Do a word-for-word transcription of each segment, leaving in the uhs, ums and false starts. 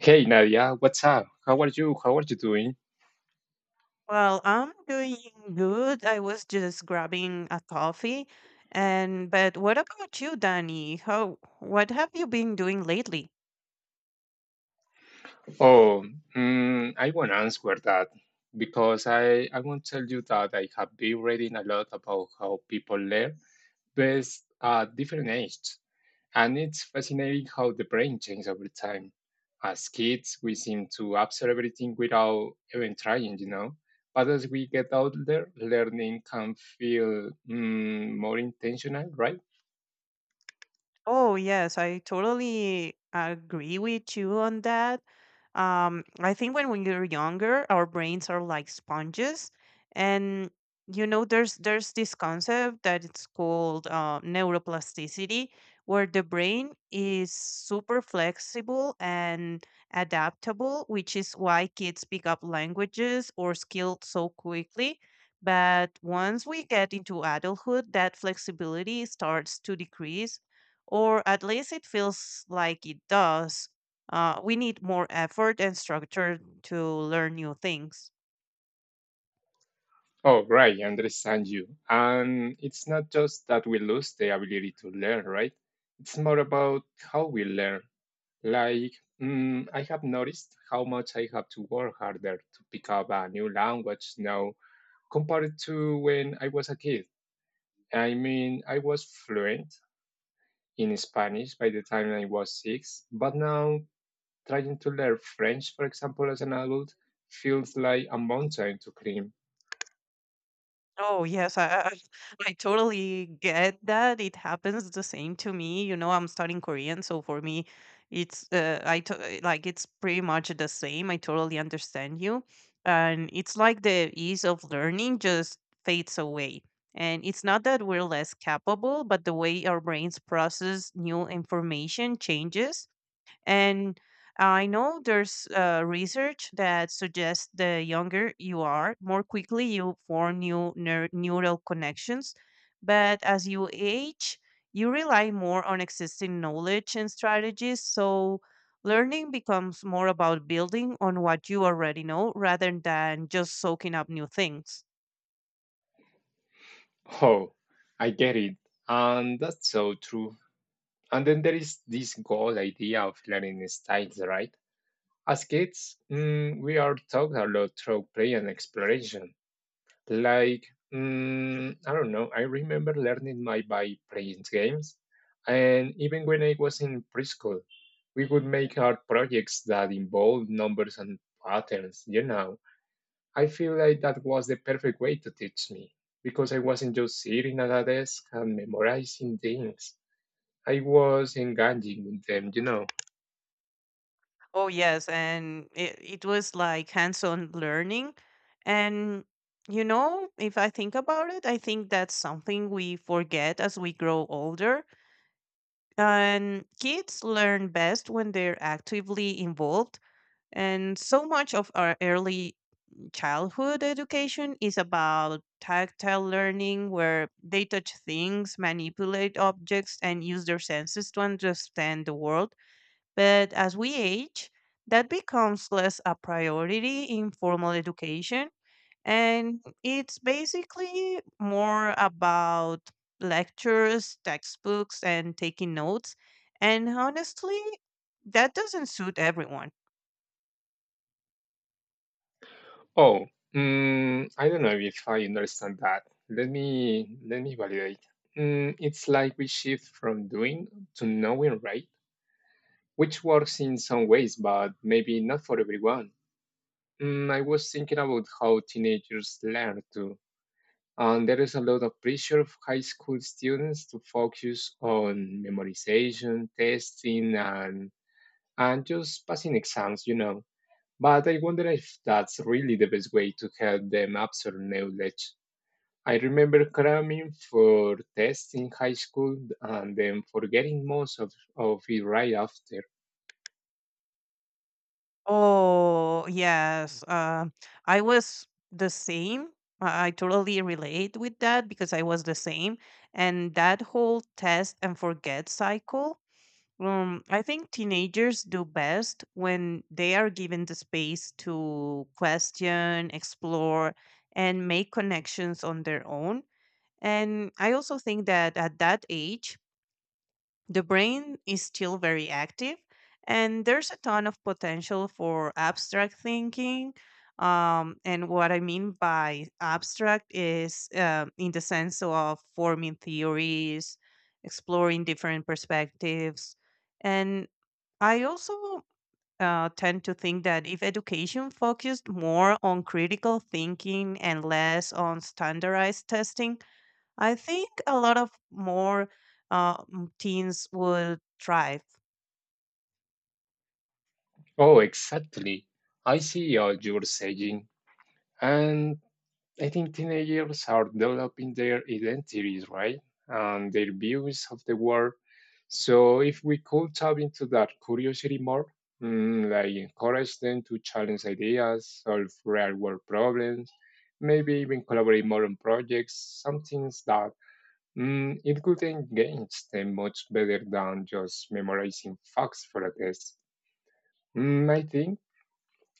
Hey Nadia, what's up? How are you? How are you doing? Well, I'm doing good. I was just grabbing a coffee. And but what about you, Danny? How what have you been doing lately? Oh, mm, I want to answer that because I, I want to tell you that I have been reading a lot about how people learn best at different ages. And it's fascinating how the brain changes over time. As kids, we seem to absorb everything without even trying, you know. But as we get older, learning can feel mm, more intentional, right? Oh, yes, I totally agree with you on that. Um, I think when we are younger, our brains are like sponges, and you know, there's there's this concept that it's called uh, neuroplasticity, where the brain is super flexible and adaptable, which is why kids pick up languages or skills so quickly. But once we get into adulthood, that flexibility starts to decrease, or at least it feels like it does. Uh, we need more effort and structure to learn new things. Oh, right, I understand you. And it's not just that we lose the ability to learn, right? It's more about how we learn. Like, mm, I have noticed how much I have to work harder to pick up a new language now compared to when I was a kid. I mean, I was fluent in Spanish by the time I was six, but now trying to learn French, for example, as an adult, feels like a mountain to climb. Oh yes, I, I I totally get that. It happens the same to me. You know, I'm studying Korean, so for me, it's uh, I to- eh, like it's pretty much the same. I totally understand you, and it's like the ease of learning just fades away. And it's not that we're less capable, but the way our brains process new information changes. And I know there's uh, research that suggests the younger you are, more quickly you form new neur- neural connections. But as you age, you rely more on existing knowledge and strategies. So learning becomes more about building on what you already know rather than just soaking up new things. Oh, I get it. And that's so true. And then there is this goal idea of learning styles, right? As kids, mm, we are taught a lot through play and exploration. Like, mm, I don't know, I remember learning my by playing games. And even when I was in preschool, we would make art projects that involved numbers and patterns, you know. I feel like that was the perfect way to teach me because I wasn't just sitting at a desk and memorizing things. I was engaging with them, you know. Oh yes, and it, it was like hands-on learning. And you know, if I think about it, I think that's something we forget as we grow older. And kids learn best when they're actively involved. And so much of our early childhood education is about tactile learning, where they touch things, manipulate objects, and use their senses to understand the world, but as we age, that becomes less a priority in formal education. And it's basically more about lectures, textbooks, and taking notes. And honestly, that doesn't suit everyone. Oh, mm, I don't know if I understand that. Let me let me validate. Mm, it's like we shift from doing to knowing, right? Which works in some ways, but maybe not for everyone. Mm, I was thinking about how teenagers learn too, and there is a lot of pressure of high school students to focus on memorization, testing, and and just passing exams, you know. But I wonder if that's really the best way to help them absorb knowledge. I remember cramming for tests in high school and then forgetting most of, of it right after. Oh, yes. Uh, I was the same. I I totally relate with that because I was the same. And that whole test and forget cycle. Um, I think teenagers do best when they are given the space to question, explore, and make connections on their own. And I also think that at that age, the brain is still very active, and there's a ton of potential for abstract thinking. Um, and what I mean by abstract is um in the sense of forming theories, exploring different perspectives, and I also uh, tend to think that if education focused more on critical thinking and less on standardized testing, I think a lot of more uh, m- teens would thrive. Oh, exactly. I see what you're saying. And I think teenagers are developing their identities, right? And their views of the world. So if we could tap into that curiosity more, mm, like encourage them to challenge ideas, solve real world problems, maybe even collaborate more on projects, something Mm, it could engage them much better than just memorizing facts for a test. Mm, I think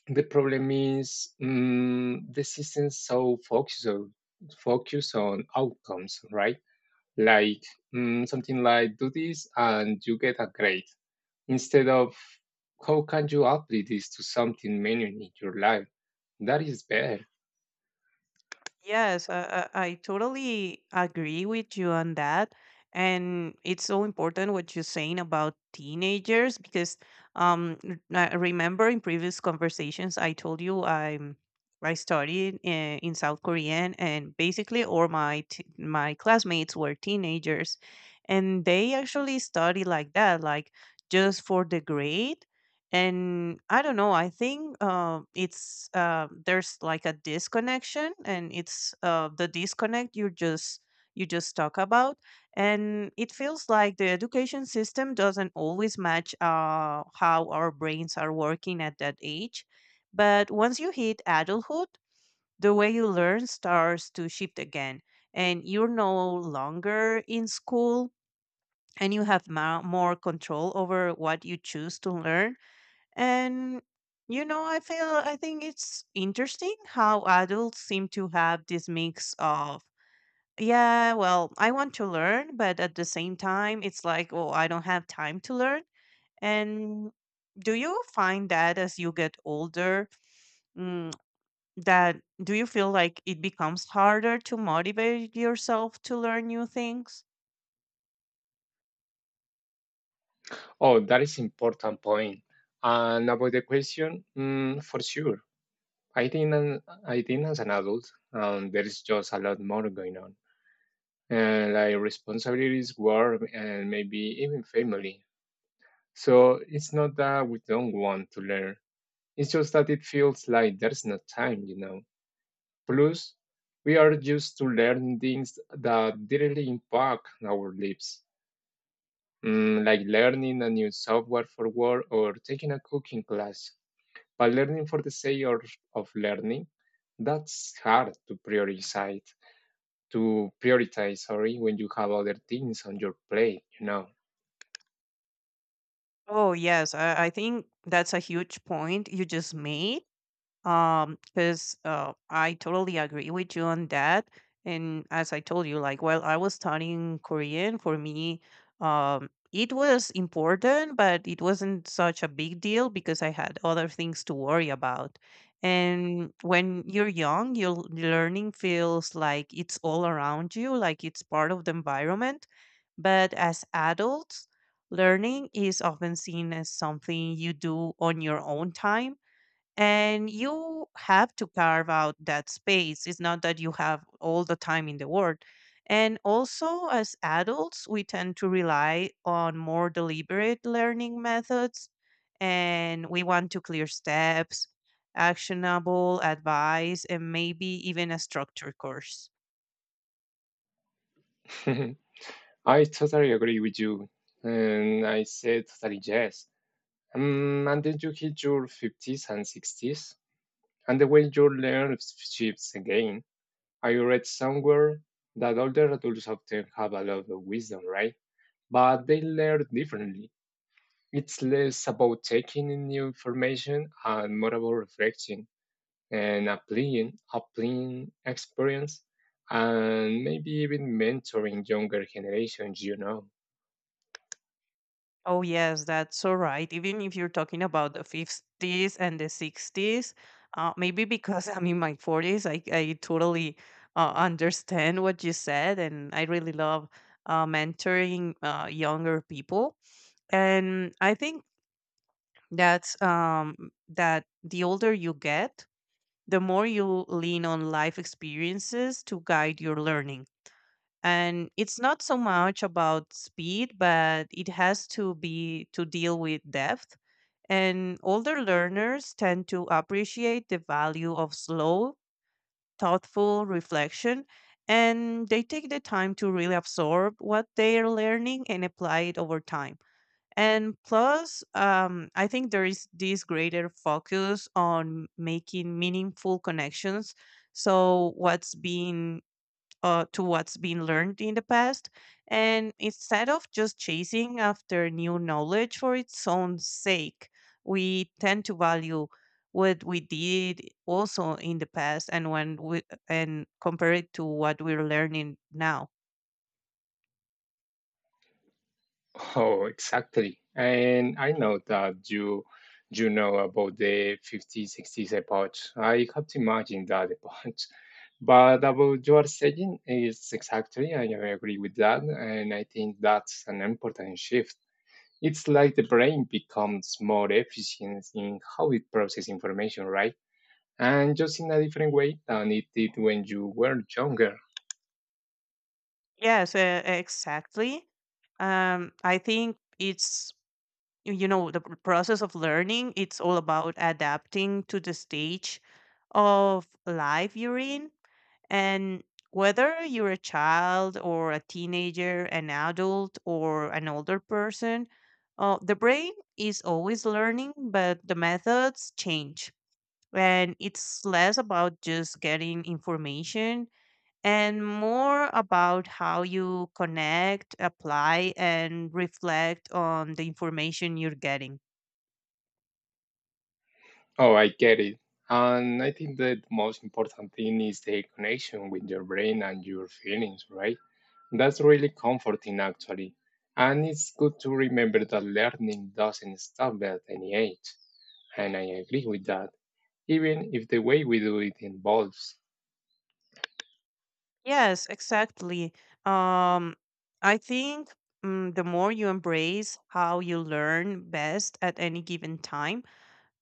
the problem is mm, the system so focused on, focus on outcomes, right? Like mm, something like do this and you get a grade instead of how can you apply this to something meaningful in your life? That is better. Yes, I, I I totally agree with you on that. And it's so important what you're saying about teenagers because um, r- I remember in previous conversations, I told you I'm, I studied in, in South Korean, and basically all my t my classmates were teenagers, and they actually study like that, like just for the grade. And I don't know, I think uh, it's uh, there's like a disconnection, and it's uh, the disconnect you just you just talk about, and it feels like the education system doesn't always match uh, how our brains are working at that age. But once you hit adulthood, the way you learn starts to shift again, and you're no longer in school, and you have mo- more control over what you choose to learn. And you know, I feel I think it's interesting how adults seem to have this mix of, yeah, well, I want to learn, but at the same time, it's like, oh, I don't have time to learn. And do you find that as you get older, mm, that do you feel like it becomes harder to motivate yourself to learn new things? Oh, that is important point. And about the question, mm, for sure I think an, I think as an adult, um, there is just a lot more going on, and like responsibilities, work, and maybe even family. So it's not that we don't want to learn. It's just that it feels like there's no time, you know. Plus, we are used to learning things that directly impact our lives, mm, like learning a new software for work or taking a cooking class. But learning for the sake of of learning, that's hard to prioritize. To prioritize, sorry, when you have other things on your plate, you know. Oh, yes, I, I think that's a huge point you just made. Um, because uh, I totally agree with you on that. And as I told you, like while I was studying Korean, for me, um, it was important, but it wasn't such a big deal because I had other things to worry about. And when you're young, your l- learning feels like it's all around you, like it's part of the environment. But as adults, learning is often seen as something you do on your own time, and you have to carve out that space. It's not that you have all the time in the world. And also, as adults, we tend to rely on more deliberate learning methods, and we want to clear steps, actionable advice, and maybe even a structured course. I totally agree with you. And I said totally yes. Um, and then you hit your fifties and sixties, and the way your learn shifts again. I read somewhere that older adults often have a lot of wisdom, right? But they learn differently. It's less about taking in new information and more about reflection, and applying, applying experience, and maybe even mentoring younger generations, you know. Oh, yes, that's so right. Even if you're talking about the fifties and the sixties, uh, maybe because I'm in my forties, I, I totally uh, understand what you said. And I really love uh, mentoring uh, younger people. And I think that's um, that the older you get, the more you lean on life experiences to guide your learning. And it's not so much about speed, but it has to be to deal with depth. And older learners tend to appreciate the value of slow, thoughtful reflection, and they take the time to really absorb what they are learning and apply it over time. And plus, um, I think there is this greater focus on making meaningful connections. So, what's being uh, to what's been learned in the past. And instead of just chasing after new knowledge for its own sake, we tend to value what we did also in the past, and when we and compare it to what we're learning now. Oh, exactly. And I know that you you know about the fifties, sixties epoch. I can't imagine that epoch. But about your saying is exactly, I agree with that, and I think that's an important shift. It's like the brain becomes more efficient in how it processes information, right? And just in a different way than it did when you were younger. Yes, uh, exactly. Um, I think it's y- you know the pr- process of learning. It's all about adapting to the stage of life you're in. And whether you're a child or a teenager, an adult or an older person, uh, the brain is always learning, but the methods change. And it's less about just getting information and more about how you connect, apply, and reflect on the information you're getting. Oh, I get it. And I think that the most important thing is the connection with your brain and your feelings, right? That's really comforting, actually. And it's good to remember that learning doesn't stop at any age. And I agree with that, even if the way we do it involves. Yes, exactly. Um, I think mm, the more you embrace how you learn best at any given time,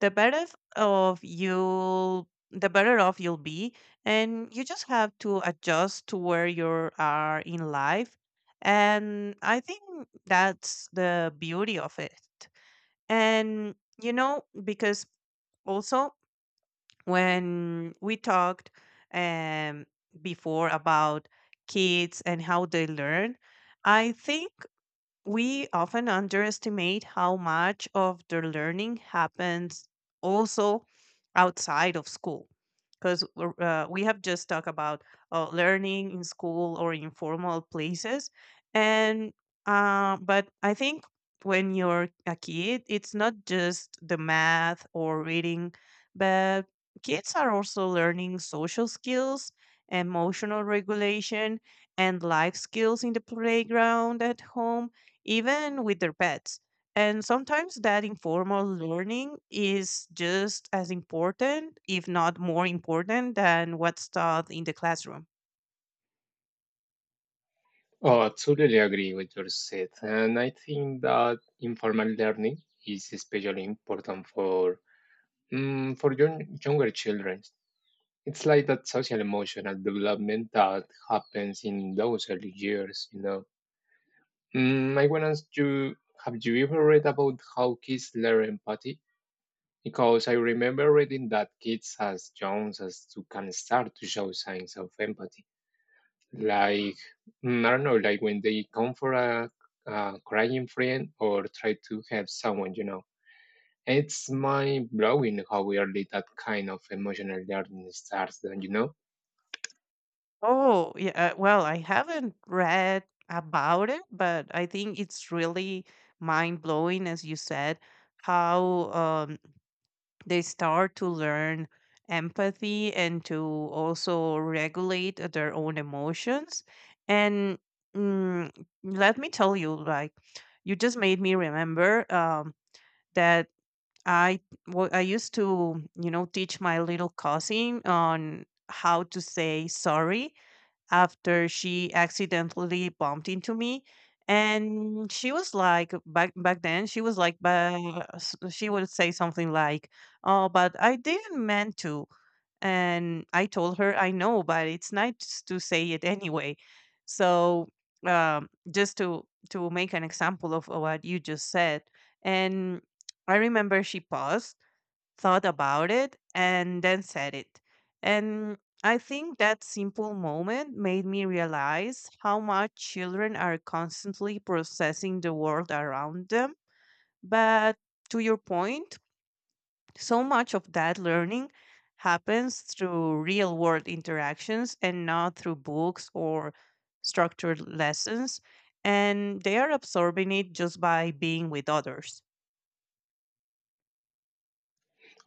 the better f- of you, the better off you'll be, and you just have to adjust to where you are in life. And I think that's the beauty of it. And you know, because also when we talked um, before about kids and how they learn, I think we often underestimate how much of their learning happens also outside of school, because uh, we have just talked about uh, learning in school or in formal places. And uh, but I think when you're a kid, it's not just the math or reading, but kids are also learning social skills, emotional regulation, and life skills in the playground, at home, even with their pets. And sometimes that informal learning is just as important, if not more important, than what's taught in the classroom. Oh, I totally agree with your set. And I think that informal learning is especially important for Mm, for young, younger children, it's like that social emotional development that happens in those early years, you know. Mm, I want to ask you, have you ever read about how kids learn empathy? Because I remember reading that kids as young as to can start to show signs of empathy. Like, mm, I don't know, like when they comfort a, a crying friend or try to help someone, you know. It's mind blowing how early that kind of emotional learning starts, don't you know? Oh, yeah. uh, Well, I haven't read about it, but I think it's really mind blowing, as you said, how um, they start to learn empathy and to also regulate their own emotions. And mm, let me tell you, like you just made me remember um, that i wa- i used to you know teach my little cousin on how to say sorry after she accidentally bumped into me. And she was like, back back then she was like, but she would say something like, oh, but I didn't mean to. And I told her, I know, but it's nice to say it anyway. So, um, just to to make an example of what you just said. And I remember she paused, thought about it, and then said it. And I think that simple moment made me realize how much children are constantly processing the world around them. But to your point, so much of that learning happens through real world interactions and not through books or structured lessons. And they are absorbing it just by being with others.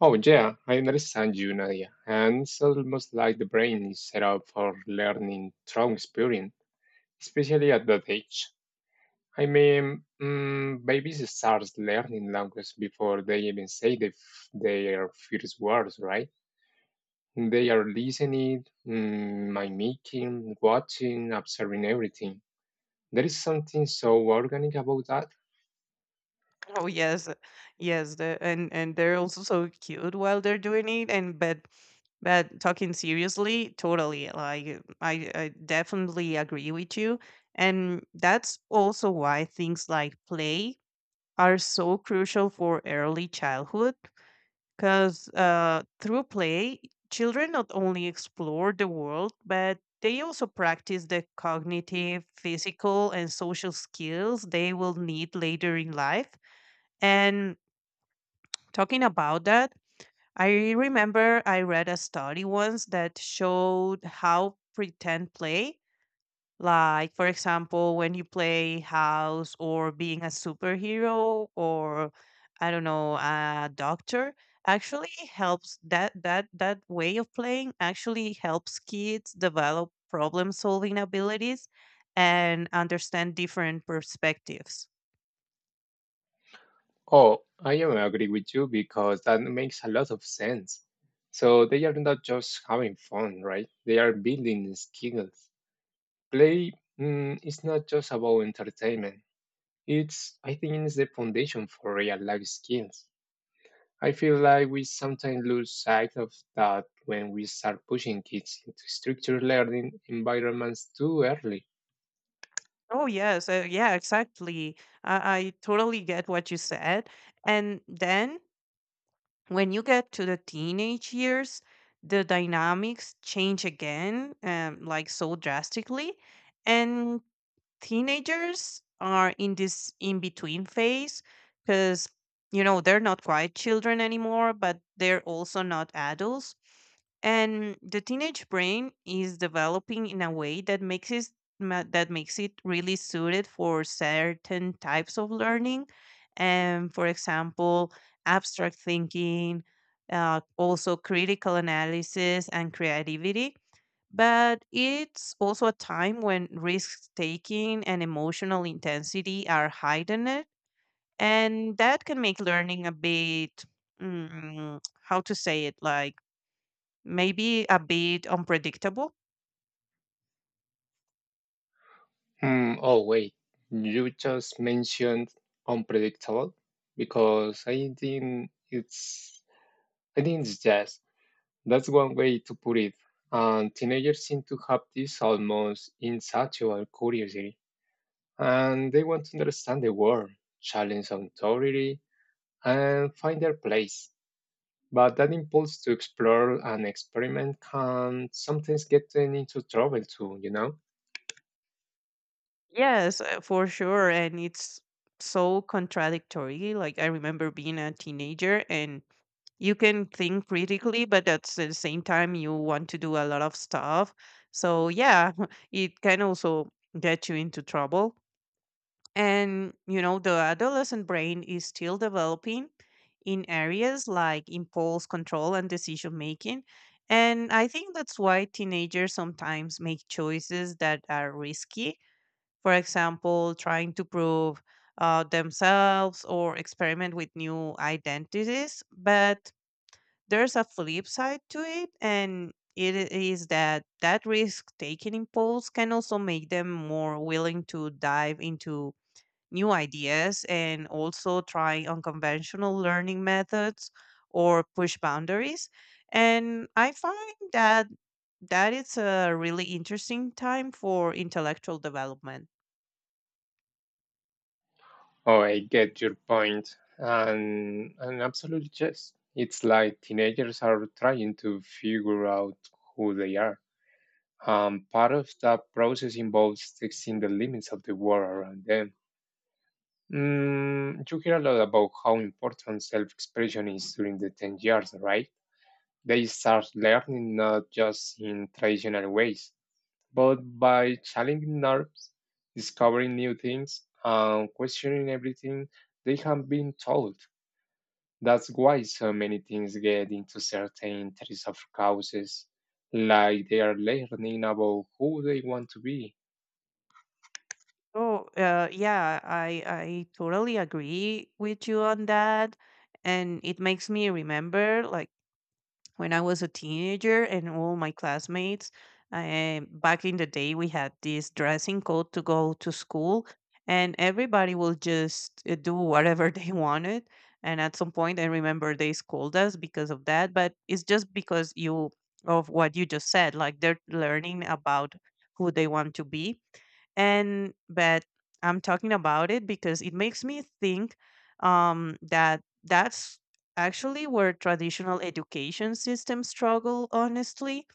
Oh, yeah, I understand you, Nadia. And it's almost like the brain is set up for learning through experience, especially at that age. I mean, mm, babies start learning language before they even say the, f- their first words, right? They are listening, mm, mimicking, watching, observing everything. There is something so organic about that. Oh yes, uh, yes, the, and and they're also so cute while they're doing it. And but but talking seriously, totally. Like I, I definitely agree with you, and that's also why things like play are so crucial for early childhood. Because uh, through play, children not only explore the world, but they also practice the cognitive, physical, and social skills they will need later in life. And talking about that, I remember I read a study once that showed how pretend play, like for example, when you play house or being a superhero or I don't know, a doctor, actually helps that that that way of playing actually helps kids develop problem solving abilities and understand different perspectives. Oh, I am agree with you because that makes a lot of sense. So they are not just having fun, right? They are building skills. Play mm, is not just about entertainment. It's, I think, it's the foundation for real life skills. I feel like we sometimes lose sight of that when we start pushing kids into structured learning environments too early. Oh yes, uh, yeah, exactly. I, I totally get what you said. And then when you get to the teenage years, the dynamics change again, um, like so drastically. And teenagers are in this in between phase because you know they're not quite children anymore, but they're also not adults. And the teenage brain is developing in a way that makes it ma- that makes it really suited for certain types of learning. And for example, abstract thinking, uh, also critical analysis and creativity. But it's also a time when risk taking and emotional intensity are heightened, and that can make learning a bit, mm, how to say it, like maybe a bit unpredictable. Mm, oh, wait, you just mentioned unpredictable because I think it's I think it's jazz. That's one way to put it. And teenagers seem to have this almost insatiable curiosity, and they want to understand the world, challenge authority, and find their place. But that impulse to explore and experiment can sometimes get them into trouble too, you know? Yes, uh, for sure. And it's so contradictory. Like, I remember being a teenager, and you can think critically, but at the same time, you want to do a lot of stuff. So, yeah, it can also get you into trouble. And, you know, the adolescent brain is still developing in areas like impulse control and decision making. And I think that's why teenagers sometimes make choices that are risky. For example, trying to prove uh, themselves or experiment with new identities. But there's a flip side to it, and it is that that risk taking impulse can also make them more willing to dive into new ideas and also try unconventional learning methods or push boundaries. And I find that that it's a really interesting time for intellectual development. Oh, I get your point. And, and absolutely, yes. It's like teenagers are trying to figure out who they are. Um, part of that process involves testing the limits of the world around them. Mm, you hear a lot about how important self expression is during the ten years, right? They start learning not just in traditional ways, but by challenging norms, discovering new things, and questioning everything they have been told. That's why so many teens get into certain types of causes, like they are learning about who they want to be. Oh, uh, yeah, I I totally agree with you on that, and it makes me remember like when I was a teenager and all my classmates. Um, back in the day, we had this dressing code to go to school, and everybody will just uh, do whatever they wanted. And at some point, I remember they scold us because of that, but it's just because you of what you just said, like they're learning about who they want to be and but I'm talking about it because it makes me think um, that that's actually where traditional education systems struggle honestly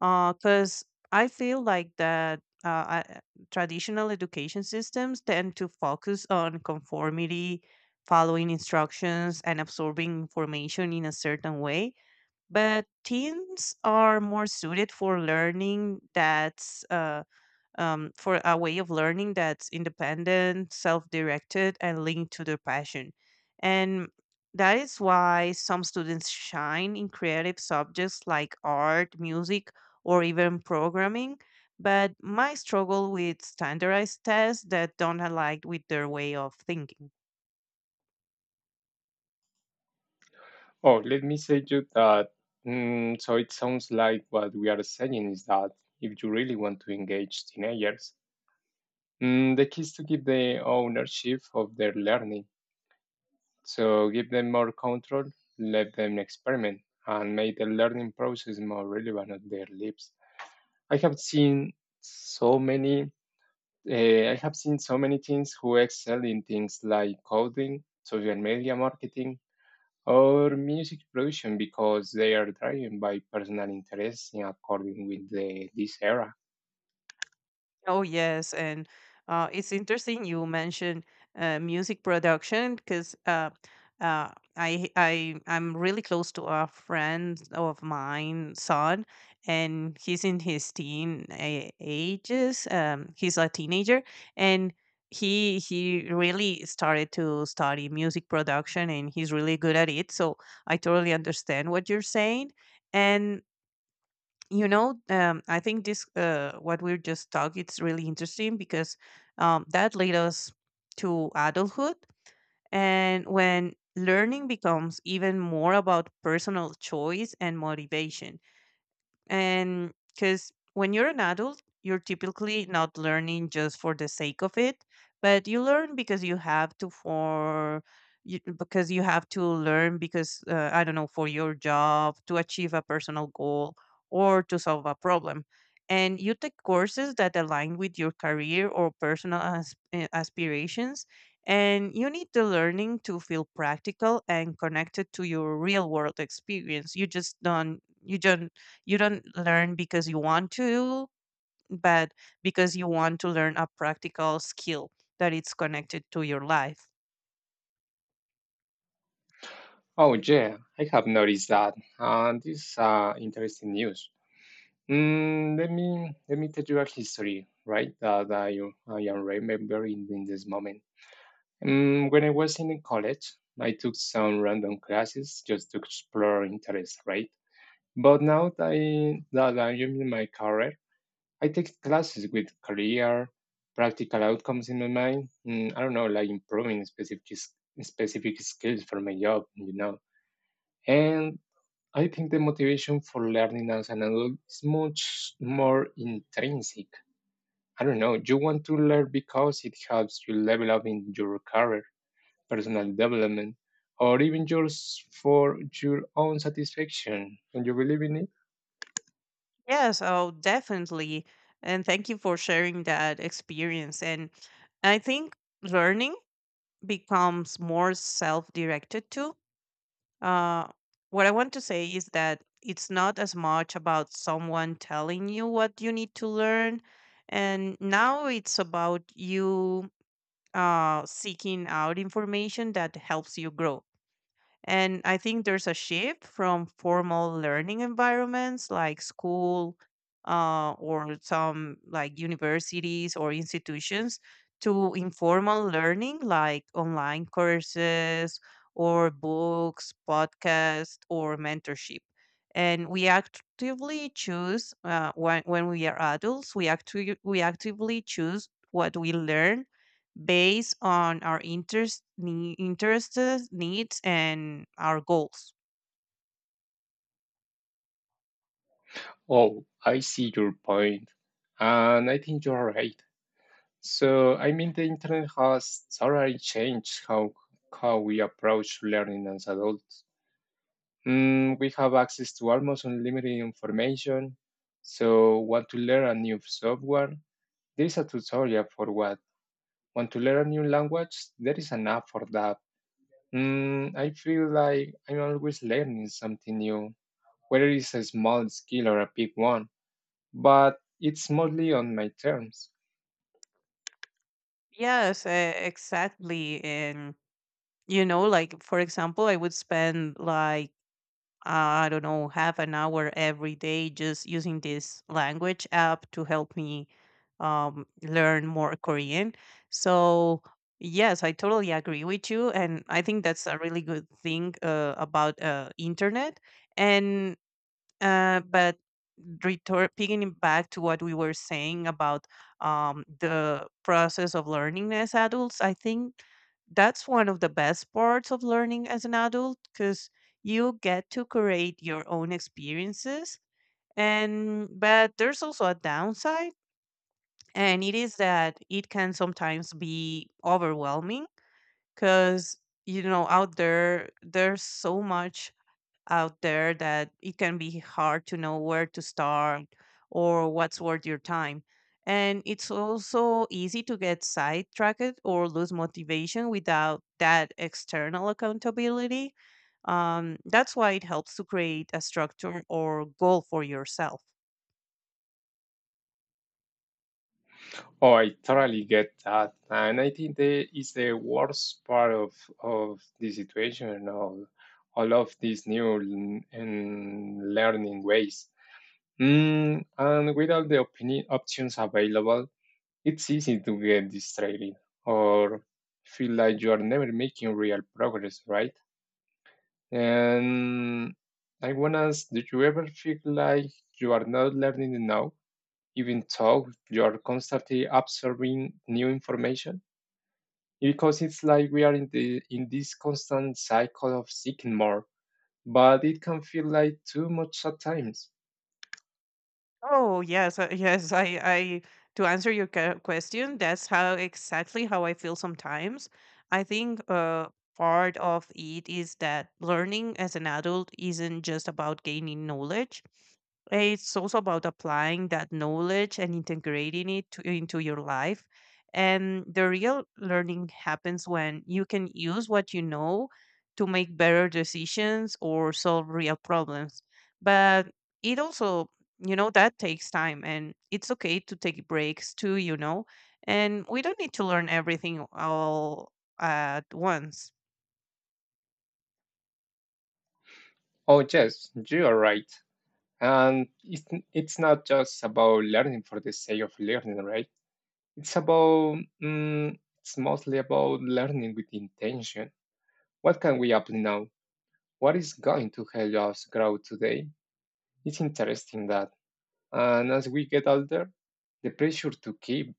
because I feel like that uh, I- traditional education systems tend to focus on conformity, following instructions and absorbing information in a certain way, but teens are more suited for learning that's uh, um, for a way of learning that's independent, self directed, and linked to their passion. And that is why some students shine in creative subjects like art, music, or even programming. But my struggle with standardized tests that don't align with their way of thinking. Oh, let me say you that. Mm, so it sounds like what we are saying is that if you really want to engage teenagers, mm, the key is to give them ownership of their learning. So give them more control, let them experiment, and make the learning process more relevant at their lives. I have seen so many Uh, I have seen so many teens who excel in things like coding, social media marketing, or music production because they are driven by personal interests in according with the, this era. Oh yes, and uh, it's interesting you mentioned uh, music production because uh, uh, I I I'm really close to a friend of mine son, and he's in his teen a- ages. Um, he's a teenager, and he he really started to study music production, and he's really good at it. So I totally understand what you're saying, and you know um, I think this uh, what we're just talking it's really interesting because um, that led us to adulthood and when learning becomes even more about personal choice and motivation. And because when you're an adult, you're typically not learning just for the sake of it, but you learn because you have to for you, because you have to learn because uh, I don't know, for your job, to achieve a personal goal or to solve a problem. And you take courses that align with your career or personal as- eh, aspirations. And you need the learning to feel practical and connected to your real world experience. You just don't you just you don't learn because you want to, but because you want to learn a practical skill that it's connected to your life. Oh yeah, I have noticed that, and this is uh, interesting news. Mm, let me let me tell you a history, right? That I I am remembering in this moment. Mm, when I was in college, I took some random classes just to explore interests, right? But now that, I, that I'm in my career, I take classes with career, practical outcomes in my mind. Mm, I don't know, like improving specific s- specific skills for my job, you know. And I think the motivation for learning as an adult is much more intrinsic. I don't know. You want to learn because it helps you level up in your career personal development, or even just for your own satisfaction. Don't you believe in it? Yeah, so definitely. And thank you for sharing that experience. And I think learning becomes more self directed too. Uh, what I want to say is that it's not as much about someone telling you what you need to learn. And now it's about you uh, seeking out information that helps you grow. And I think there's a shift from formal learning environments like school uh, or some like universities or institutions to informal learning like online courses or books, podcasts, or mentorship. And we actively choose uh, when, when we are adults, we, actu- we actively choose what we learn based on our interest, nee- interests, needs, and our goals. Oh, I see your point, and I think you're right. So, I mean, the internet has totally changed how, how we approach learning as adults. Mm, we have access to almost unlimited information. So, want to learn a new software? There is a tutorial for what. Want to learn a new language? There is an app for that. Mm, I feel like I'm always learning something new, whether it's a small skill or a big one, but it's mostly on my terms. Yes, uh, exactly. And, you know, like, for example, I would spend like, I don't know, half an hour every day just using this language app to help me um, learn more Korean. So, yes, I totally agree with you. And I think that's a really good thing uh, about uh, internet. And Uh, but return, picking back to what we were saying about um, the process of learning as adults, I think that's one of the best parts of learning as an adult because you get to create your own experiences. And but there's also a downside, and it is that it can sometimes be overwhelming because you know out there there's so much out there that it can be hard to know where to start or what's worth your time. And it's also easy to get sidetracked or lose motivation without that external accountability. Um, that's why it helps to create a structure or goal for yourself. Oh, I totally get that. And I think that is the worst part of, of the situation and all, all of these new l- and learning ways. Mm, and with all the opini- options available, it's easy to get distracted or feel like you are never making real progress, right? And I want to ask, do you ever feel like you are not learning enough, even though you are constantly absorbing new information? Because it's like we are in the in this constant cycle of seeking more, but it can feel like too much at times. Oh yes, uh, yes. I, I to answer your que- question, that's how exactly how I feel sometimes. I think uh, part of it is that learning as an adult isn't just about gaining knowledge. It's also about applying that knowledge and integrating it to, into your life. And the real learning happens when you can use what you know to make better decisions or solve real problems. But it also, you know, that takes time, and it's okay to take breaks too, you know, and we don't need to learn everything all at once. Oh yes, you are right. And it's it's not just about learning for the sake of learning, right? It's about mm, it's mostly about learning with intention. What can we apply now? What is going to help us grow today? It's interesting that, and as we get older, the pressure to keep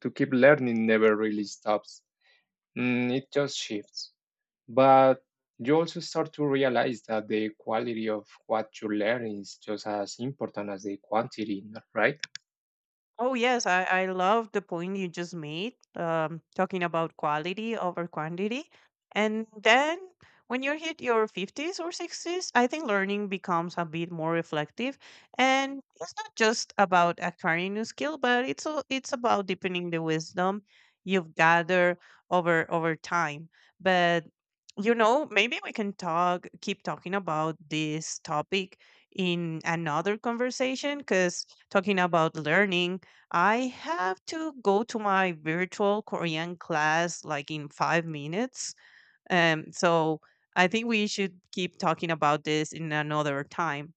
to keep learning never really stops. Mm, it just shifts. But you also start to realize that the quality of what you learn is just as important as the quantity, right? Oh yes, I, I love the point you just made, um, talking about quality over quantity. And then when you hit your fifties or sixties, I think learning becomes a bit more reflective. And it's not just about acquiring new skill, but it's al- it's about deepening the wisdom you've gathered over over time. But you know, maybe we can talk keep talking about this topic in another conversation. Because talking about learning, I have to go to my virtual Korean class like in five minutes. Um, so I think we should keep talking about this in another time.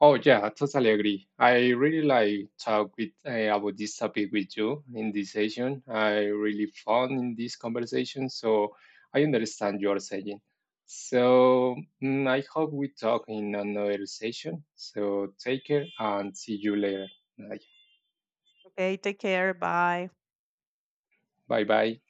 Oh yeah, totally agree. I really like talk with uh, about this topic with you in this session. I really found in this conversation, so I understand your saying. So mm, I hope we talk in another session. So take care and see you later. Okay, take care. Bye. Bye bye.